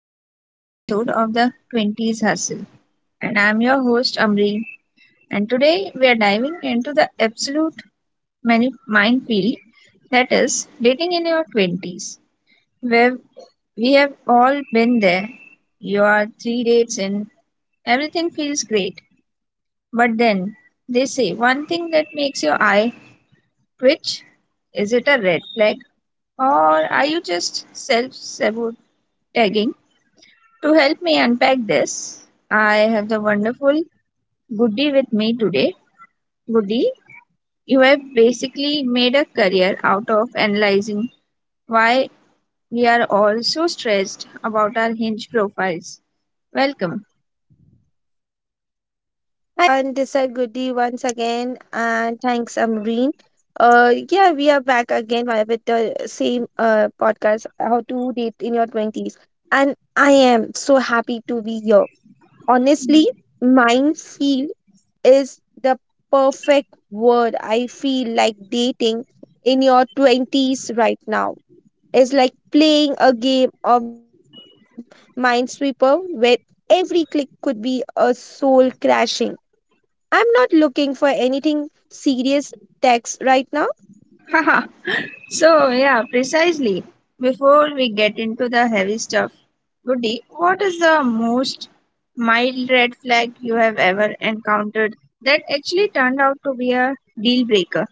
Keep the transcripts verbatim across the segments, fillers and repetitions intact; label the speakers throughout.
Speaker 1: to another episode of the twenties Hustle. And I'm your host, Amreen. And today we are diving into the absolute mani- minefield that is dating in your twenties, where we have all been there. You are three dates in, everything feels great. But then they say one thing that makes your eye twitch. Is it a red flag? Or are you just self sabotaging? To help me unpack this, I have the wonderful Goody with me today. Goody, you have basically made a career out of analyzing why we are all so stressed about our hinge profiles. Welcome.
Speaker 2: Hi everyone, this is Goody once again, and thanks Amreen. Uh, yeah, we are back again via- with the same uh, podcast, How to Date in Your twenties. And I am so happy to be here. Honestly, minefield is the perfect word. I feel like dating in your twenties right now is like playing a game of Minesweeper where every click could be a soul crashing "I'm not looking for anything serious" text right now.
Speaker 1: Haha. So, yeah, precisely. Before we get into the heavy stuff, Goody, what is the most mild red flag you have ever encountered that actually turned out to be a deal breaker?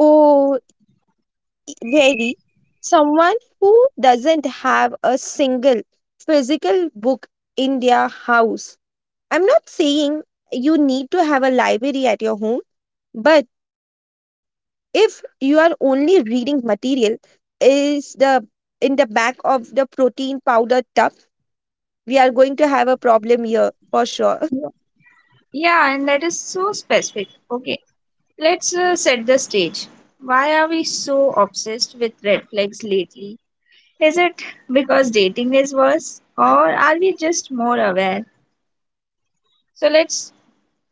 Speaker 2: Oh, e- very easily. Someone who doesn't have a single physical book in their house. I'm not saying you need to have a library at your home, but if you are only reading material is the in the back of the protein powder tub, we are going to have a problem here for sure.
Speaker 1: Yeah, and that is so specific. Okay, let's uh, set the stage. Why are we so obsessed with red flags lately? Is it because dating is worse, or are we just more aware? So let's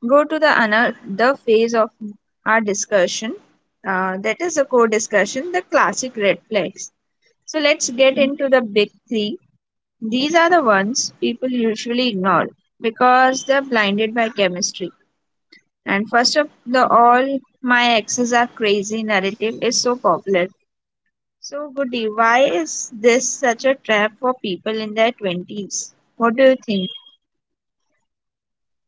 Speaker 1: go to the another phase of our discussion. Uh, that is the core discussion, the classic red flags. So let's get into the big three. These are the ones people usually ignore because they're blinded by chemistry. And first of the all, my exes are crazy narrative is so popular. So, Goody, why is this such a trap for people in their twenties? What do you think?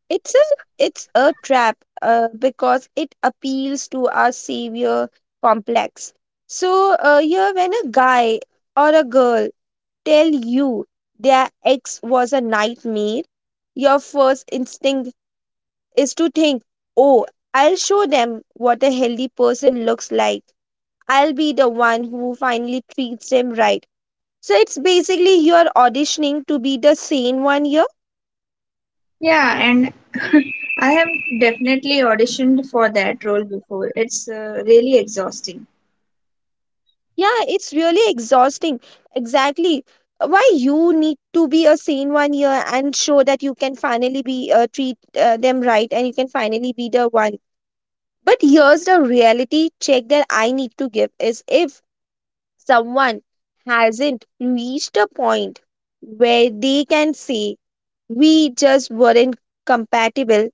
Speaker 2: It's a it's a trap uh, because it appeals to our savior complex. So uh, here, when a guy or a girl tell you their ex was a nightmare, your first instinct is to think, "Oh, I'll show them what a healthy person looks like. I'll be the one who finally treats them right." So it's basically you are auditioning to be the sane one.
Speaker 1: Yeah, and I have definitely auditioned for that role before. It's uh, really exhausting.
Speaker 2: Yeah, it's really exhausting. Exactly. Why you need to be a sane one year and show that you can finally be uh, treat uh, them right and you can finally be the one. But here's the reality check that I need to give is if someone hasn't reached a point where they can say we just weren't compatible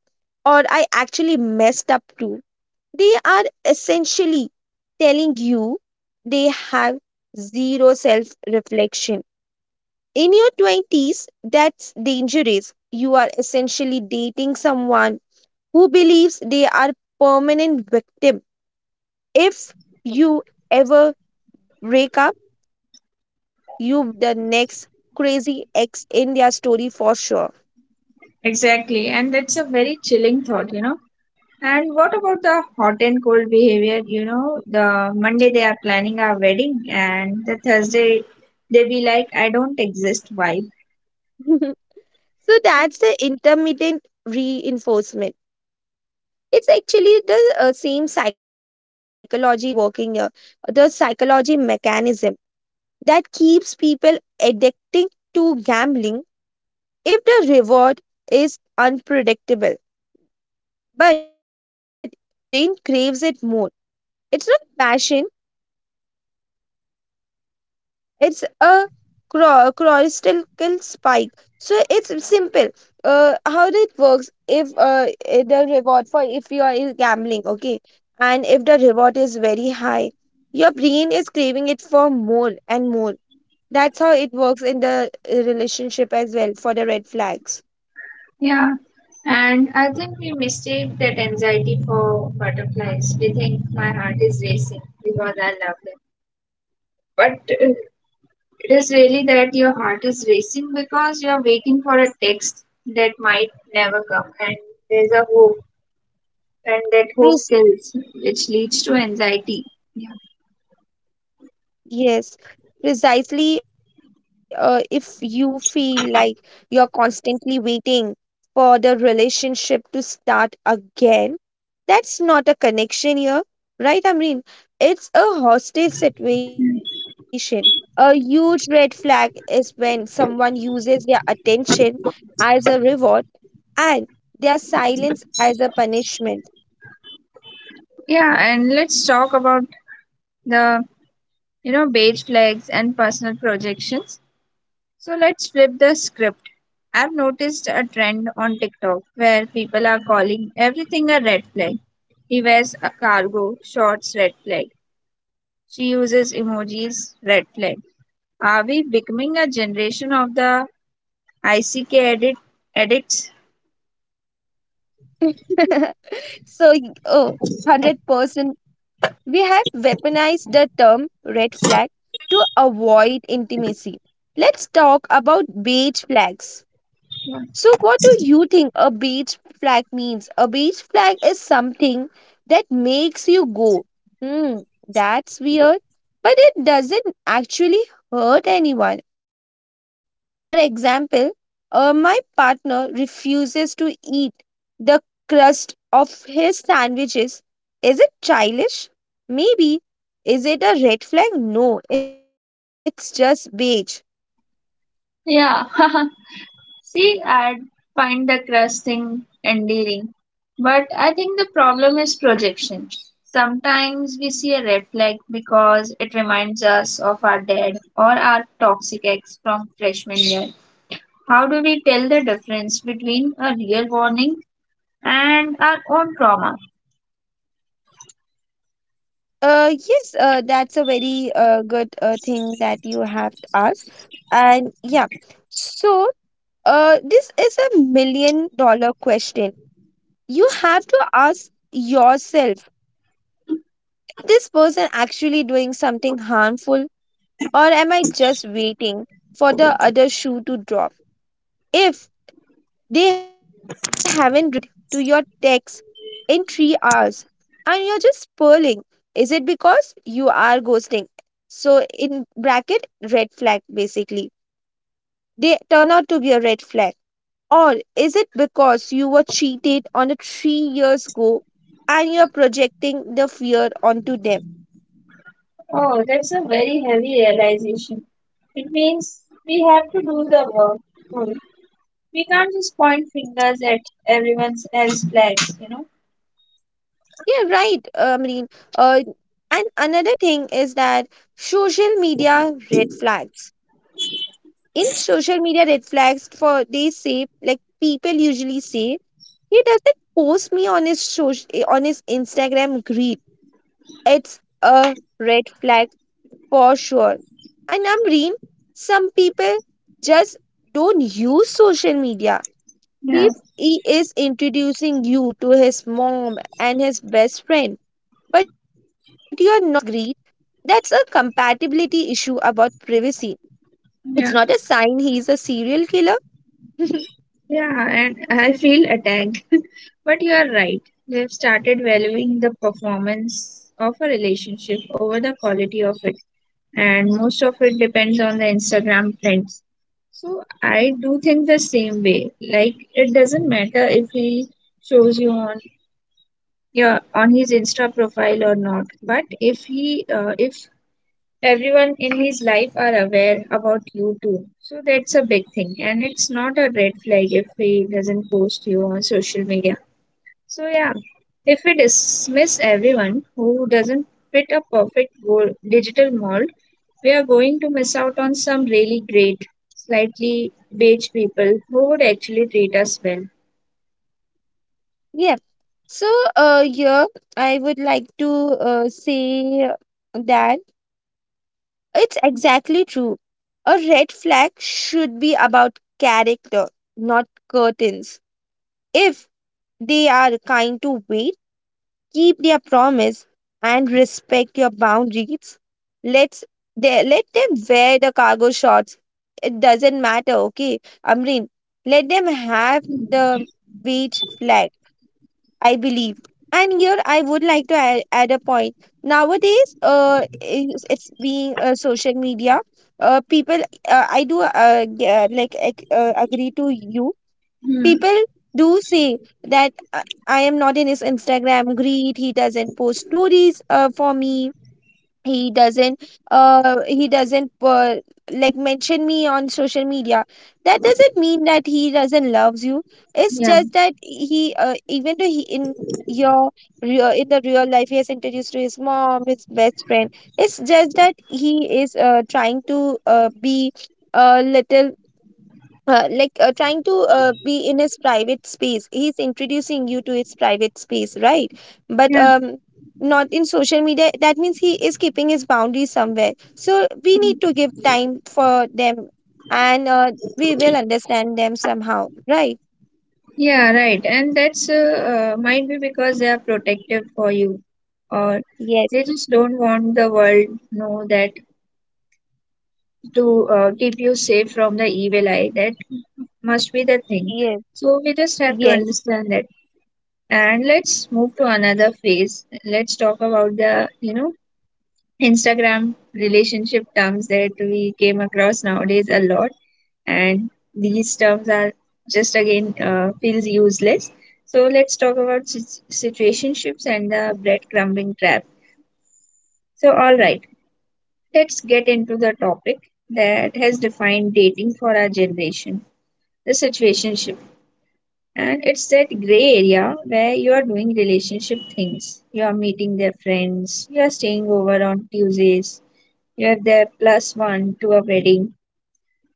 Speaker 2: or I actually messed up too, they are essentially telling you they have zero self reflection. In your twenties, that's dangerous. You are essentially dating someone who believes they are permanent victim. If you ever break up, you will be the next crazy ex in their story for sure.
Speaker 1: Exactly, and that's a very chilling thought, you know. And what about the hot and cold behavior? You know, the Monday they are planning our wedding, and the Thursday they be like, I don't exist vibe.
Speaker 2: So that's the intermittent reinforcement, it's actually the uh, same psychology that is working here, the psychology mechanism that keeps people addicting to gambling. If the reward is unpredictable, but your brain craves it more. It's not passion. It's a cro- crystal spike. So it's simple. Uh, how it works if uh, eh, the reward for if you are in gambling, okay, and if the reward is very high, your brain is craving it for more and more. That's how it works in the eh, relationship as well for the red flags.
Speaker 1: Yeah, and I think we mistake that anxiety for butterflies. We think my heart is racing because I love them. But uh, it is really that your heart is racing because you're waiting for a text that might never come. And there's a hope, and that hope
Speaker 2: Pres-
Speaker 1: kills, which leads to anxiety. Yeah.
Speaker 2: Yes, precisely. Uh, if you feel like you're constantly waiting for the relationship to start again, that's not a connection here, right, Amreen? It's a hostage situation. A huge red flag is when someone uses their attention as a reward and their silence as a punishment.
Speaker 1: Yeah, and let's talk about the, you know, beige flags and personal projections. So let's flip the script. I've noticed a trend on TikTok where people are calling everything a red flag. He wears a cargo, shorts, red flag. She uses emojis, red flag. Are we becoming a generation of the ICK edit, edits?
Speaker 2: so, y- oh, one hundred percent. We have weaponized the term red flag to avoid intimacy. Let's talk about beige flags. So, what do you think a beach flag means? A beach flag is something that makes you go, hmm, that's weird, but it doesn't actually hurt anyone. For example, uh, my partner refuses to eat the crust of his sandwiches. Is it childish? Maybe. Is it a red flag? No, it's just beige.
Speaker 1: Yeah, see, I'd find the crush thing endearing, but I think the problem is projection. Sometimes we see a red flag because it reminds us of our dad or our toxic ex from freshman year. How do we tell the difference between a real warning and our own trauma?
Speaker 2: Uh, yes, uh, that's a very uh, good uh, thing that you have asked. And yeah, so uh, this is a million dollar question. You have to ask yourself, this person actually doing something harmful, or am I just waiting for the other shoe to drop? If they haven't replied to your text in three hours and you're just pearling. Is it because you are ghosting? So, in bracket, red flag basically. They turn out to be a red flag. Or is it because you were cheated on a three years ago and you're projecting the fear onto them?
Speaker 1: Oh, that's a very heavy realization. It means we have to do the work. Hmm. We can't just point fingers at everyone else's flags, you know.
Speaker 2: Yeah, right, uh, Amreen. Uh, and another thing is that social media red flags. In social media red flags, for they say, like people usually say he doesn't post me on his social, on his Instagram grid. It's a red flag for sure. And Amreen, some people just don't use social media.
Speaker 1: Yeah.
Speaker 2: He, he is introducing you to his mom and his best friend, but you are not on his grid. That's a compatibility issue about privacy. It's
Speaker 1: Yeah,
Speaker 2: not a sign he is a serial killer.
Speaker 1: yeah, and I feel attacked. But you are right. They've started valuing the performance of a relationship over the quality of it, and most of it depends on the Instagram trends. So I do think the same way. Like it doesn't matter if he shows you on your on his Insta profile or not, but if he uh, if everyone in his life are aware about you too. So that's a big thing. And it's not a red flag if he doesn't post you on social media. So yeah, if we dismiss everyone who doesn't fit a perfect goal, digital mold, we are going to miss out on some really great, slightly beige people who would actually treat us well.
Speaker 2: Yeah. So, uh, yeah, I would like to uh, say that it's exactly true. A red flag should be about character, not curtains. If they are kind to wait, keep their promise and respect your boundaries. Let's they, let them wear the cargo shorts. It doesn't matter, okay? Amreen, let them have the beach flag, I believe. And here I would like to add, add a point. Nowadays, uh, it's, it's being uh, social media. Uh, people, uh, I do uh, g- uh, like ag- uh, agree to you.
Speaker 1: Hmm.
Speaker 2: People do say that uh, I am not in his Instagram greed. He doesn't post stories uh, for me. He doesn't. Uh, he doesn't uh, like mention me on social media. That doesn't mean that he doesn't loves you. It's
Speaker 1: Yeah.
Speaker 2: just that he, uh, even though he in your real in the real life, he has introduced to his mom, his best friend. It's just that he is uh, trying to uh, be a little uh, like uh, trying to uh, be in his private space, he's introducing you to his private space, right? But
Speaker 1: Yeah.
Speaker 2: um, not in social media, that means he is keeping his boundaries somewhere, so we need to give time for them, and uh, we will understand them somehow, right?
Speaker 1: Yeah, right. And that's uh, uh, might be because they are protective for you, or
Speaker 2: Yes.
Speaker 1: they just don't want the world know that to uh, keep you safe from the evil eye. That must be the thing.
Speaker 2: Yes.
Speaker 1: So we just have to
Speaker 2: Yes.
Speaker 1: understand that. And let's move to another phase. Let's talk about the, you know, Instagram relationship terms that we came across nowadays a lot. And these terms are just again uh, feels useless. So let's talk about sit- situationships and the breadcrumbing trap. So all right, let's get into the topic that has defined dating for our generation, the situationship. And it's that gray area where you are doing relationship things, you are meeting their friends, you are staying over on Tuesdays, you have their plus one to a wedding.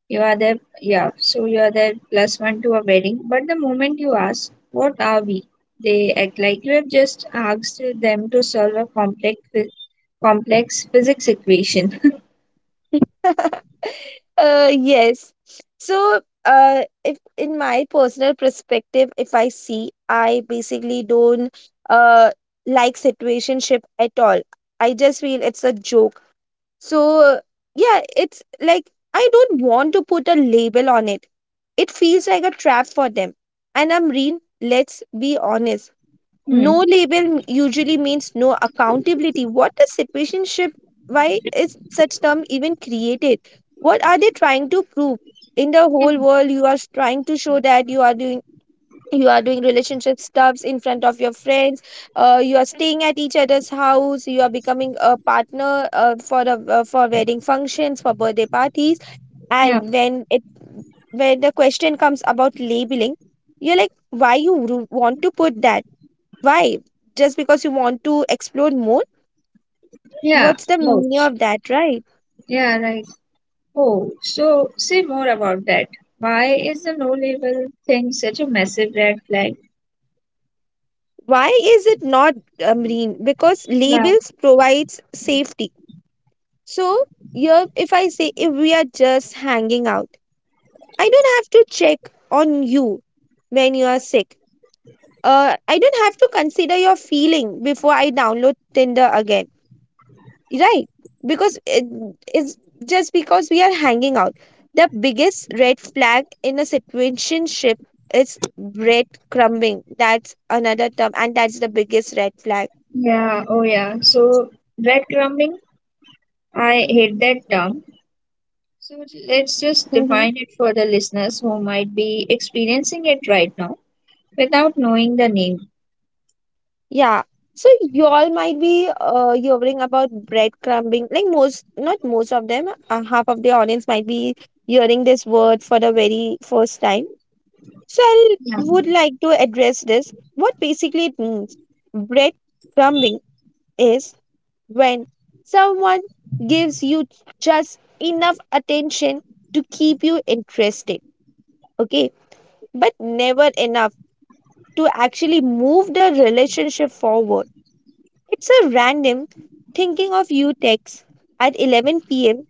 Speaker 1: You are there, yeah, so you are there plus one to a wedding, but the moment you ask, what are we? They act like you have just asked them to solve a complex, phy- complex physics equation.
Speaker 2: uh, yes. So, uh, if in my personal perspective, if I see, I basically don't uh like situationship at all. I just feel it's a joke. So, yeah, it's like I don't want to put a label on it. It feels like a trap for them. And Amreen, let's be honest.
Speaker 1: Hmm.
Speaker 2: No label usually means no accountability. What is citizenship? Why is such term even created? What are they trying to prove? In the whole world, you are trying to show that you are doing, you are doing relationship stuffs in front of your friends. Uh, you are staying at each other's house. You are becoming a partner uh, for a, uh, for wedding functions, for birthday parties.
Speaker 1: Yeah,
Speaker 2: And when it When the question comes about labeling, you're like, why you ru- want to put that? Why? Just because you want to explore more?
Speaker 1: yeah,
Speaker 2: What's the meaning
Speaker 1: ouch.
Speaker 2: of that, right?
Speaker 1: Yeah, right. Oh, so say more about that. Why is the no label thing such a massive red flag?
Speaker 2: Why is it not a marine? Because
Speaker 1: Yeah,
Speaker 2: labels provides safety. So here, if I say if we are just hanging out, I don't have to check on you when you are sick. Uh, I don't have to consider your feeling before I download Tinder again. Right, because it is just because we are hanging out. The biggest red flag in a situationship is breadcrumbing. That's another term and that's the biggest red flag.
Speaker 1: yeah, oh yeah. So bread crumbing, I hate that term. So let's just
Speaker 2: Mhm.
Speaker 1: define it for the listeners who might be experiencing it right now without knowing the name.
Speaker 2: Yeah, so y'all might be uh, hearing about breadcrumbing. Like most Not most of them, uh, half of the audience might be hearing this word for the very first time. So I
Speaker 1: Yeah,
Speaker 2: would like to address this what basically it means. Breadcrumbing is when someone gives you just enough attention to keep you interested, okay, but never enough to actually move the relationship forward. It's a random thinking of you text at eleven p m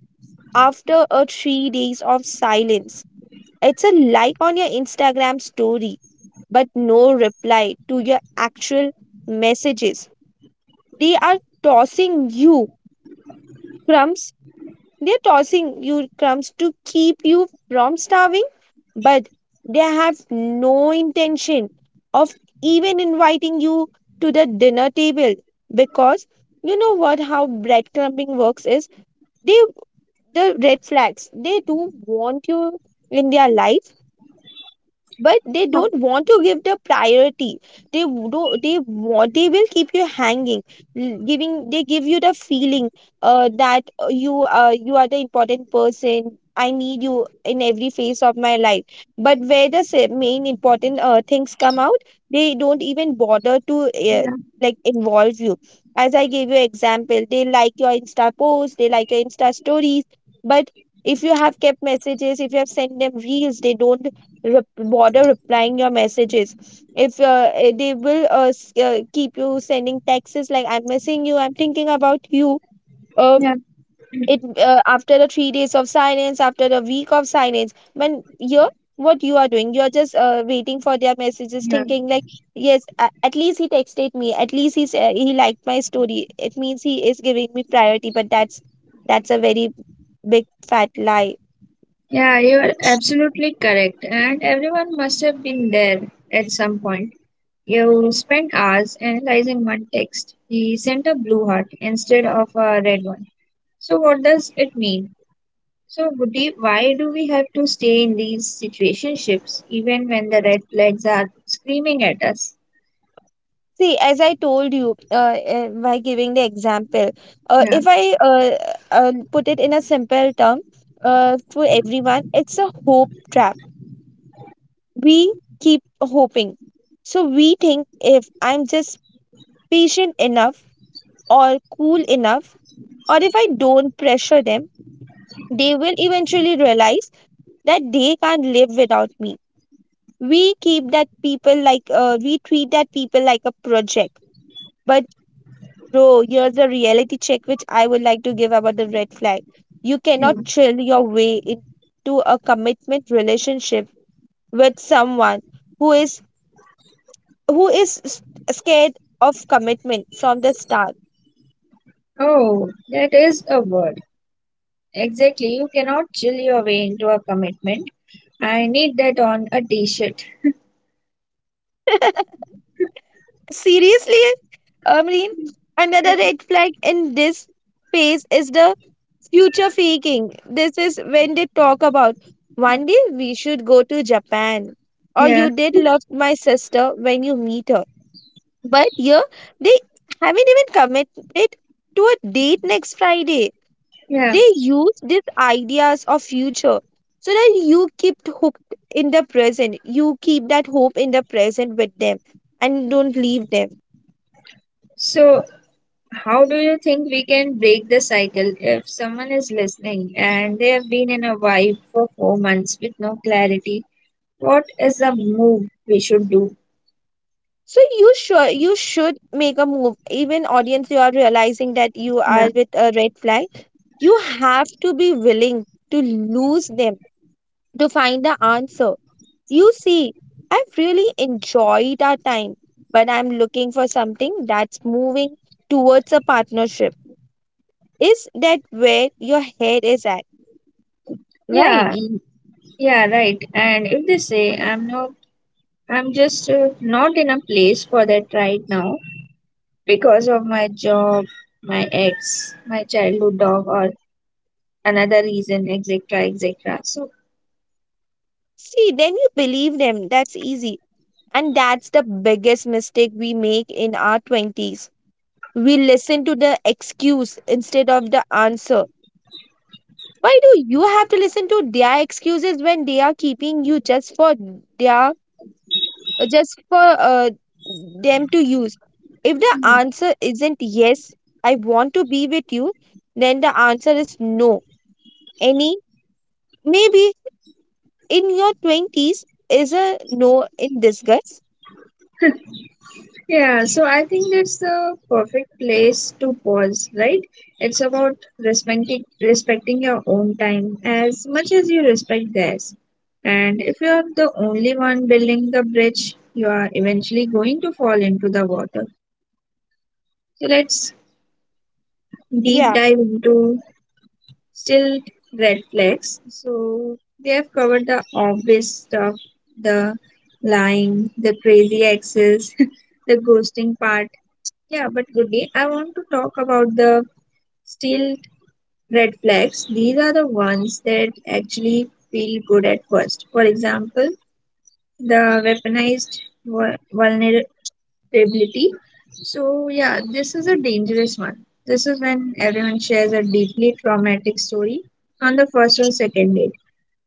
Speaker 2: after a three days of silence. It's a like on your Instagram story, but no reply to your actual messages. They are tossing you crumbs They're tossing you crumbs to keep you from starving, but they have no intention of even inviting you to the dinner table. Because you know what how breadcrumbing works is they, the red flags, they do want you in their life, but they don't want to give the priority. They w- do they want They will keep you hanging, l- giving they give you the feeling uh, that uh, you uh, you are the important person, I need you in every phase of my life. But where the se- main important uh, things come out, they don't even bother to uh,
Speaker 1: yeah,
Speaker 2: like involve you. As I gave you example, they like your insta post, they like your insta stories, but if you have kept messages, if you have sent them reels, they don't rep- bother replying your messages. If uh, eh, they will uh, s- uh, keep you sending texts like I'm missing you, I'm thinking about you. Uh,
Speaker 1: yeah,
Speaker 2: it uh, After the three days of silence, after the week of silence, when you're, what you are doing, you're just uh, waiting for their messages,
Speaker 1: yeah.
Speaker 2: thinking like, yes, a- at least he texted me, at least he's uh, he liked my story, it means he is giving me priority. But that's that's a very big fat lie.
Speaker 1: Yeah, you are absolutely correct. And everyone must have been there at some point. You spent hours analyzing one text. He sent a blue heart instead of a red one. So what does it mean? So, Buddhi, why do we have to stay in these situationships even when the red flags are screaming at us?
Speaker 2: See, as I told you uh, uh, by giving the example, uh,
Speaker 1: Yeah.
Speaker 2: if I uh, uh, put it in a simple term uh, for everyone, it's a hope trap. We keep hoping. So we think if I'm just patient enough or cool enough, or if I don't pressure them, they will eventually realize that they can't live without me. We keep that people like, uh, we treat that people like a project. But bro, here's a reality check which I would like to give about the red flag. You
Speaker 1: Yeah.
Speaker 2: cannot chill your way into a commitment relationship with someone who is who is s- scared of commitment from the start.
Speaker 1: Oh, that is a word. Exactly. You cannot chill your way into a commitment. I need that on a t shirt.
Speaker 2: Seriously, Amreen, another red flag in this phase is the future faking. This is when they talk about one day we should go to Japan or
Speaker 1: Yeah,
Speaker 2: you did love my sister when you meet her. But here, they haven't even committed to a date next Friday.
Speaker 1: yeah.
Speaker 2: They use these ideas of future so that you keep hope in the present. You keep that hope in the present with them and don't leave them.
Speaker 1: So, how do you think we can break the cycle if someone is listening and they have been in a vibe for four months with no clarity? What is the move we should do?
Speaker 2: So you sure you should make a move. Even audience, you are realizing that you
Speaker 1: Yeah,
Speaker 2: are with a red flag. You have to be willing to lose them to find the answer. You see, I've really enjoyed our time, but I'm looking for something that's moving towards a partnership. Is that where your head is at? Right.
Speaker 1: yeah, mm, yeah, right. And if they say, I'm not, I'm just uh, not in a place for that right now, because of my job, my ex, my childhood dog, or another reason, et cetera, et cetera. So,
Speaker 2: See, then you believe them. That's easy. And that's the biggest mistake we make in our twenties. We listen to the excuse instead of the answer. Why do you have to listen to their excuses when they are keeping you just for their uh, just for uh, them to use. If the answer isn't yes, I want to be with you, then the answer is no. Any, maybe in your twenties is a no in disgust.
Speaker 1: yeah, so I think that's the perfect place to pause, right? It's about respecting respecting your own time as much as you respect theirs. And if you're the only one building the bridge, you are eventually going to fall into the water. So let's deep
Speaker 2: Yeah,
Speaker 1: dive into still red flags. So they have covered the obvious stuff, the lying, the crazy exes, the ghosting part. Yeah, but Goody, I want to talk about the still red flags. These are the ones that actually feel good at first. For example, the weaponized vu- vulner- stability. So, yeah, this is a dangerous one. This is when everyone shares a deeply traumatic story on the first or second date.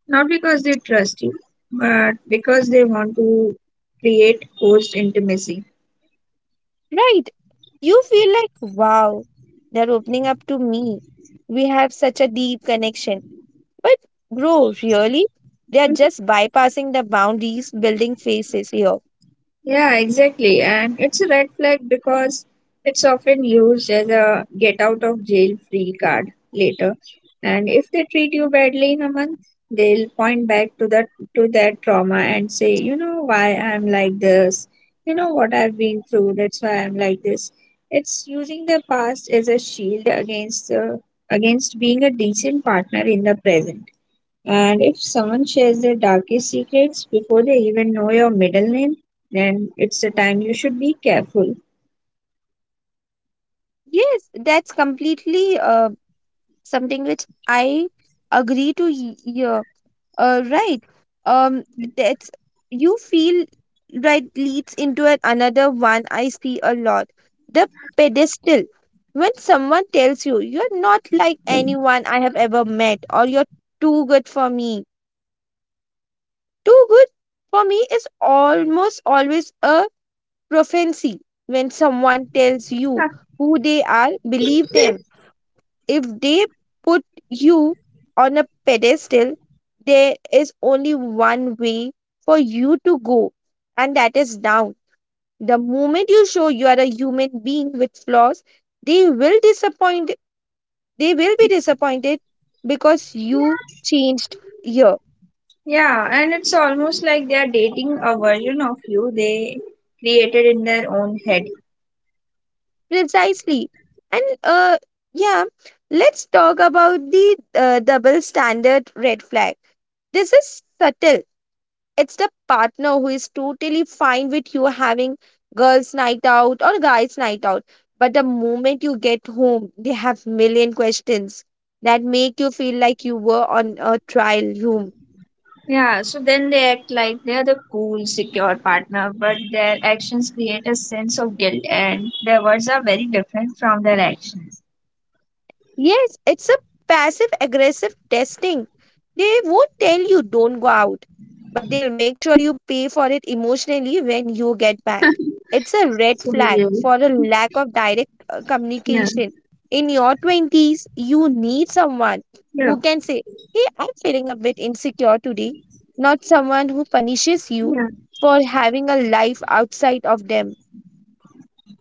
Speaker 1: Not because they trust you, but because they want to create forced intimacy.
Speaker 2: right. You feel like, wow, they're opening up to me. We have such a deep connection. But, bro, really? They are just bypassing the boundaries, building faces here.
Speaker 1: Yeah, exactly. And it's a red flag because it's often used as a get out of jail free card later. And if they treat you badly in a month, they'll point back to that to that trauma and say, you know why I'm like this, you know what I've been through, that's why I'm like this. It's using the past as a shield against uh, against being a decent partner in the present. And if someone shares their darkest secrets before they even know your middle name, then it's the time you should be careful.
Speaker 2: Yes, that's completely uh, something which I agree to y- yeah, uh, right um that's you feel right leads into an, another one I see a lot, the pedestal. When someone tells you you're not like anyone I have ever met, or you're too good for me, too good for me is almost always a prophecy. When someone tells you
Speaker 1: Huh,
Speaker 2: who they are, believe them. If they put you on a pedestal, there is only one way for you to go, and that is down. The moment you show you are a human being with flaws, they will disappoint. They will be disappointed because you changed here.
Speaker 1: yeah, and it's almost like they are dating a version of you they created in their own head.
Speaker 2: Precisely. And uh, yeah, let's talk about the uh, double standard red flag. This is subtle. It's the partner who is totally fine with you having girls night out or guys night out, but the moment you get home they have million questions that make you feel like you were on a trial room.
Speaker 1: Yeah, so then they act like they're the cool, secure partner, but their actions create a sense of guilt, and their words are very different from their actions.
Speaker 2: Yes, it's a passive aggressive testing. They won't tell you don't go out, but they'll make sure you pay for it emotionally when you get back. It's a red
Speaker 1: So,
Speaker 2: flag
Speaker 1: yeah,
Speaker 2: for a lack of direct uh,
Speaker 1: yeah,
Speaker 2: communication. In your twenties, you need someone who can say, Hey, I'm feeling a bit insecure today, not someone who punishes you
Speaker 1: yeah.
Speaker 2: for having a life outside of them.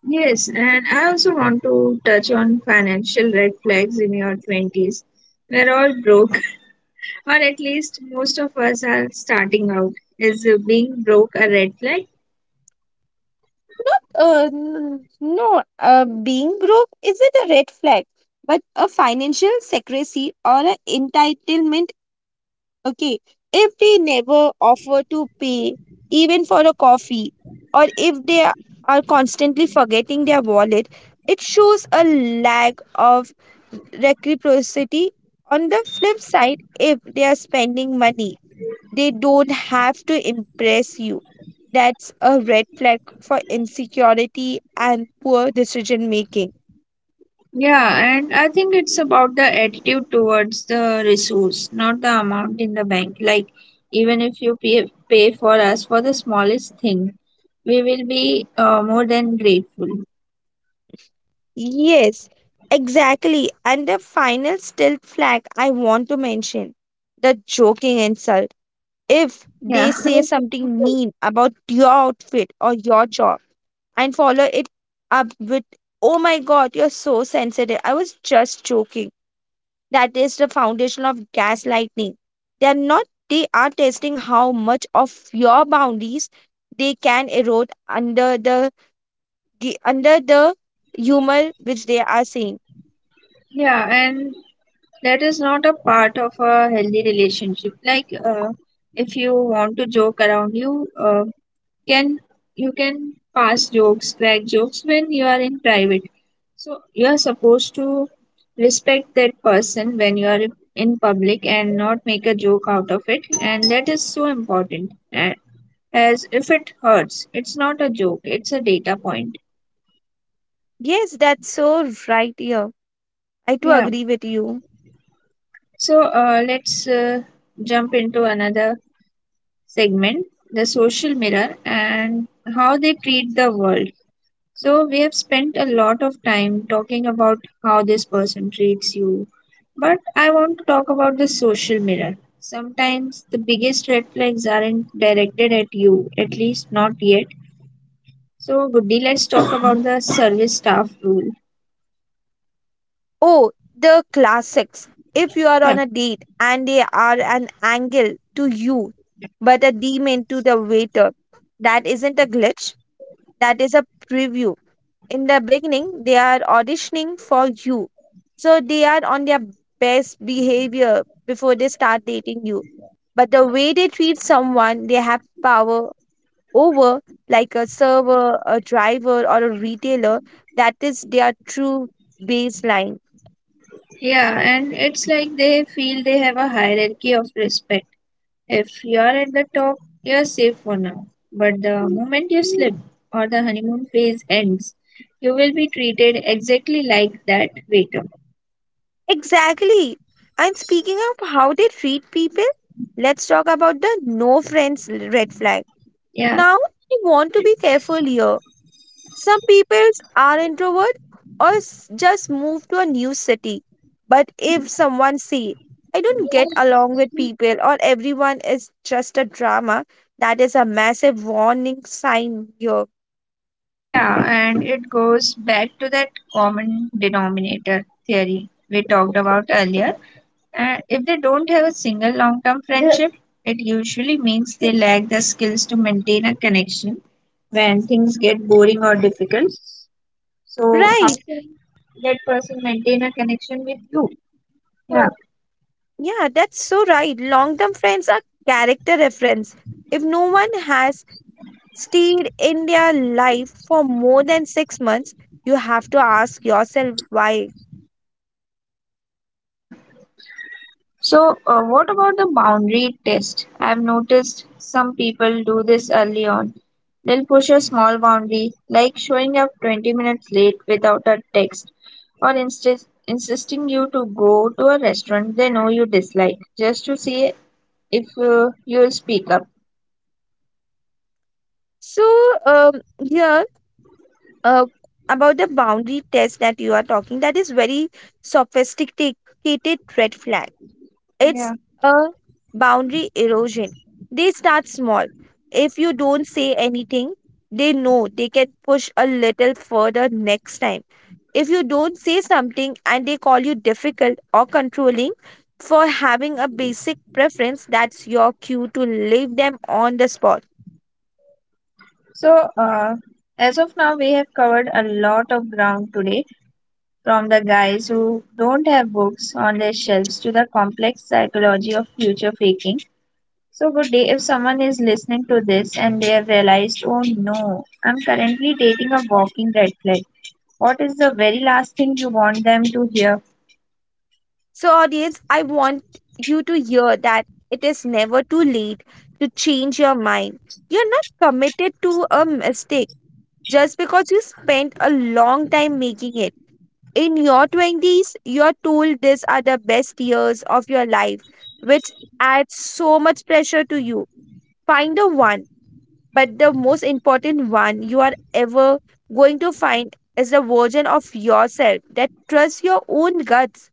Speaker 1: Yes, and I also want to touch on financial red flags in your twenties. We're all broke, or at least most of us are starting out. Is uh, being broke a red flag?
Speaker 2: Uh, n- no, uh, being broke isn't a red flag, but a financial secrecy or an entitlement. Okay, if they never offer to pay even for a coffee, or if they a- are constantly forgetting their wallet, it shows a lack of reciprocity. On the flip side, if they are spending money they don't have to impress you. That's a red flag for insecurity and poor decision making.
Speaker 1: Yeah, and I think it's about the attitude towards the resource, not the amount in the bank. Like, even if you pay, pay for us for the smallest thing, we will be uh, more than grateful.
Speaker 2: Yes, exactly. And the final still flag I want to mention, the joking insult. If they
Speaker 1: Yeah,
Speaker 2: say something mean about your outfit or your job and follow it up with, oh my god, you're so sensitive, I was just joking, that is the foundation of gaslighting. They are not They are testing how much of your boundaries they can erode under the gi- under the humor which they are saying.
Speaker 1: yeah, and that is not a part of a healthy relationship. Like uh, if you want to joke around, you uh, can you can pass jokes, crack jokes when you are in private. So you are supposed to respect that person when you are in public and not make a joke out of it, and that is so important. a- as if it hurts, it's not a joke, it's a data point.
Speaker 2: Yes, that's so right here. I too
Speaker 1: Yeah,
Speaker 2: agree with you.
Speaker 1: so uh, let's uh, jump into another segment, the social mirror, and how they treat the world. So, we have spent a lot of time talking about how this person treats you, but I want to talk about the social mirror. Sometimes the biggest red flags aren't directed at you, at least not yet. So, Goody, let's talk about the service staff rule.
Speaker 2: Oh, the classics. If you are
Speaker 1: Yeah,
Speaker 2: on a date and they are an angle to you but a demon to the waiter, that isn't a glitch, that is a preview. In the beginning they are auditioning for you, so they are on their best behavior before they start dating you. But the way they treat someone they have power over, like a server, a driver or a retailer, that is their true baseline.
Speaker 1: yeah, and it's like they feel they have a hierarchy of respect. If you are at the top, you are safe for now. But the moment you slip or the honeymoon phase ends, you will be treated exactly like that waiter.
Speaker 2: Exactly. And speaking of how they treat people, let's talk about the no friends red flag.
Speaker 1: Yeah,
Speaker 2: Now I want to be careful here. Some people are introvert or s- just move to a new city. But if someone say, I don't get along with people, or everyone is just a drama, that is a massive warning sign here.
Speaker 1: yeah, and it goes back to that common denominator theory we talked about earlier. Uh, if they don't have a single long term friendship, it usually means they lack the skills to maintain a connection when things get boring or difficult. So how
Speaker 2: Right.
Speaker 1: can that person maintain a connection with you? Yeah.
Speaker 2: Yeah, that's so right. Long-term friends are character reference. If no one has stayed in their life for more than six months, you have to ask yourself why.
Speaker 1: Yeah. So, uh, what about the boundary test? I've noticed some people do this early on. They'll push a small boundary, like showing up twenty minutes late without a text, or insist insisting you to go to a restaurant they know you dislike, just to see if uh, you'll speak up.
Speaker 2: So, um, here uh, about the boundary test that you are talking, that is very sophisticated red flag. It's
Speaker 1: Yeah.
Speaker 2: a boundary erosion. They start small. If you don't say anything, they know they can push a little further next time. If you don't say something and they call you difficult or controlling for having a basic preference, that's your cue to leave them on the spot.
Speaker 1: So, uh, as of now, we have covered a lot of ground today. From the guys who don't have books on their shelves to the complex psychology of future faking. So, good day, if someone is listening to this and they have realized, oh no, I'm currently dating a walking red flag. What is the very last thing you want them to hear?
Speaker 2: So, audience, I want you to hear that it is never too late to change your mind. You're not committed to a mistake just because you spent a long time making it. In your twenties, you're told these are the best years of your life, which adds so much pressure to you. Find the one, but the most important one you are ever going to find is the version of yourself that trusts your own guts.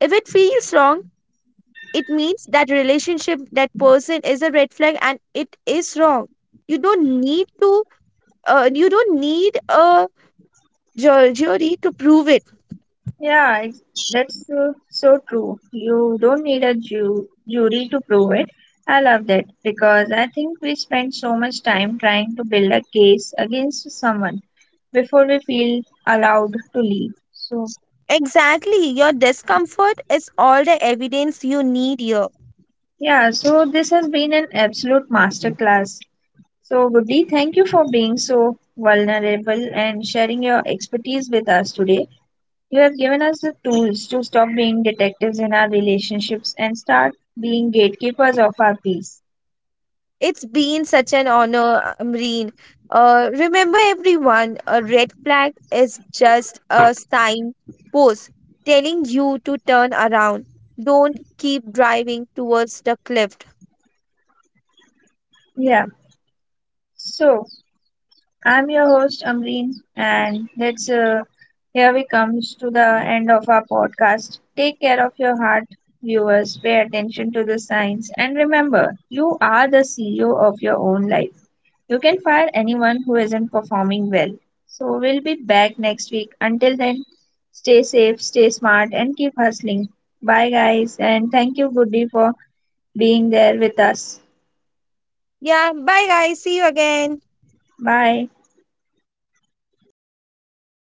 Speaker 2: If it feels wrong, it means that relationship, that person is a red flag and it is wrong. You don't need to uh, you don't need a ju- jury to prove it.
Speaker 1: Yeah, ex- that's uh, so true. You don't need a ju- jury to prove it. I love that because I think we spend so much time trying to build a case against someone before we feel allowed to leave. So,
Speaker 2: Exactly, your discomfort is all the evidence you need here.
Speaker 1: yeah, so this has been an absolute masterclass. So, Goody, thank you for being so vulnerable and sharing your expertise with us today. You have given us the tools to stop being detectives in our relationships and start being gatekeepers of our peace.
Speaker 2: It's been such an honor, Amreen. Uh, remember everyone, a red flag is just a sign post telling you to turn around. Don't keep driving towards the cliff.
Speaker 1: Yeah. So I'm your host Amreen, and let's uh, here we comes to the end of our podcast. Take care of your heart, viewers. Pay attention to the signs, and remember, you are the C E O of your own life. You can fire anyone who isn't performing well. So we'll be back next week. Until then, stay safe, stay smart, and keep hustling. Bye, guys, and thank you, Goody, for being there with us.
Speaker 2: Yeah, bye guys, see you again.
Speaker 1: Bye.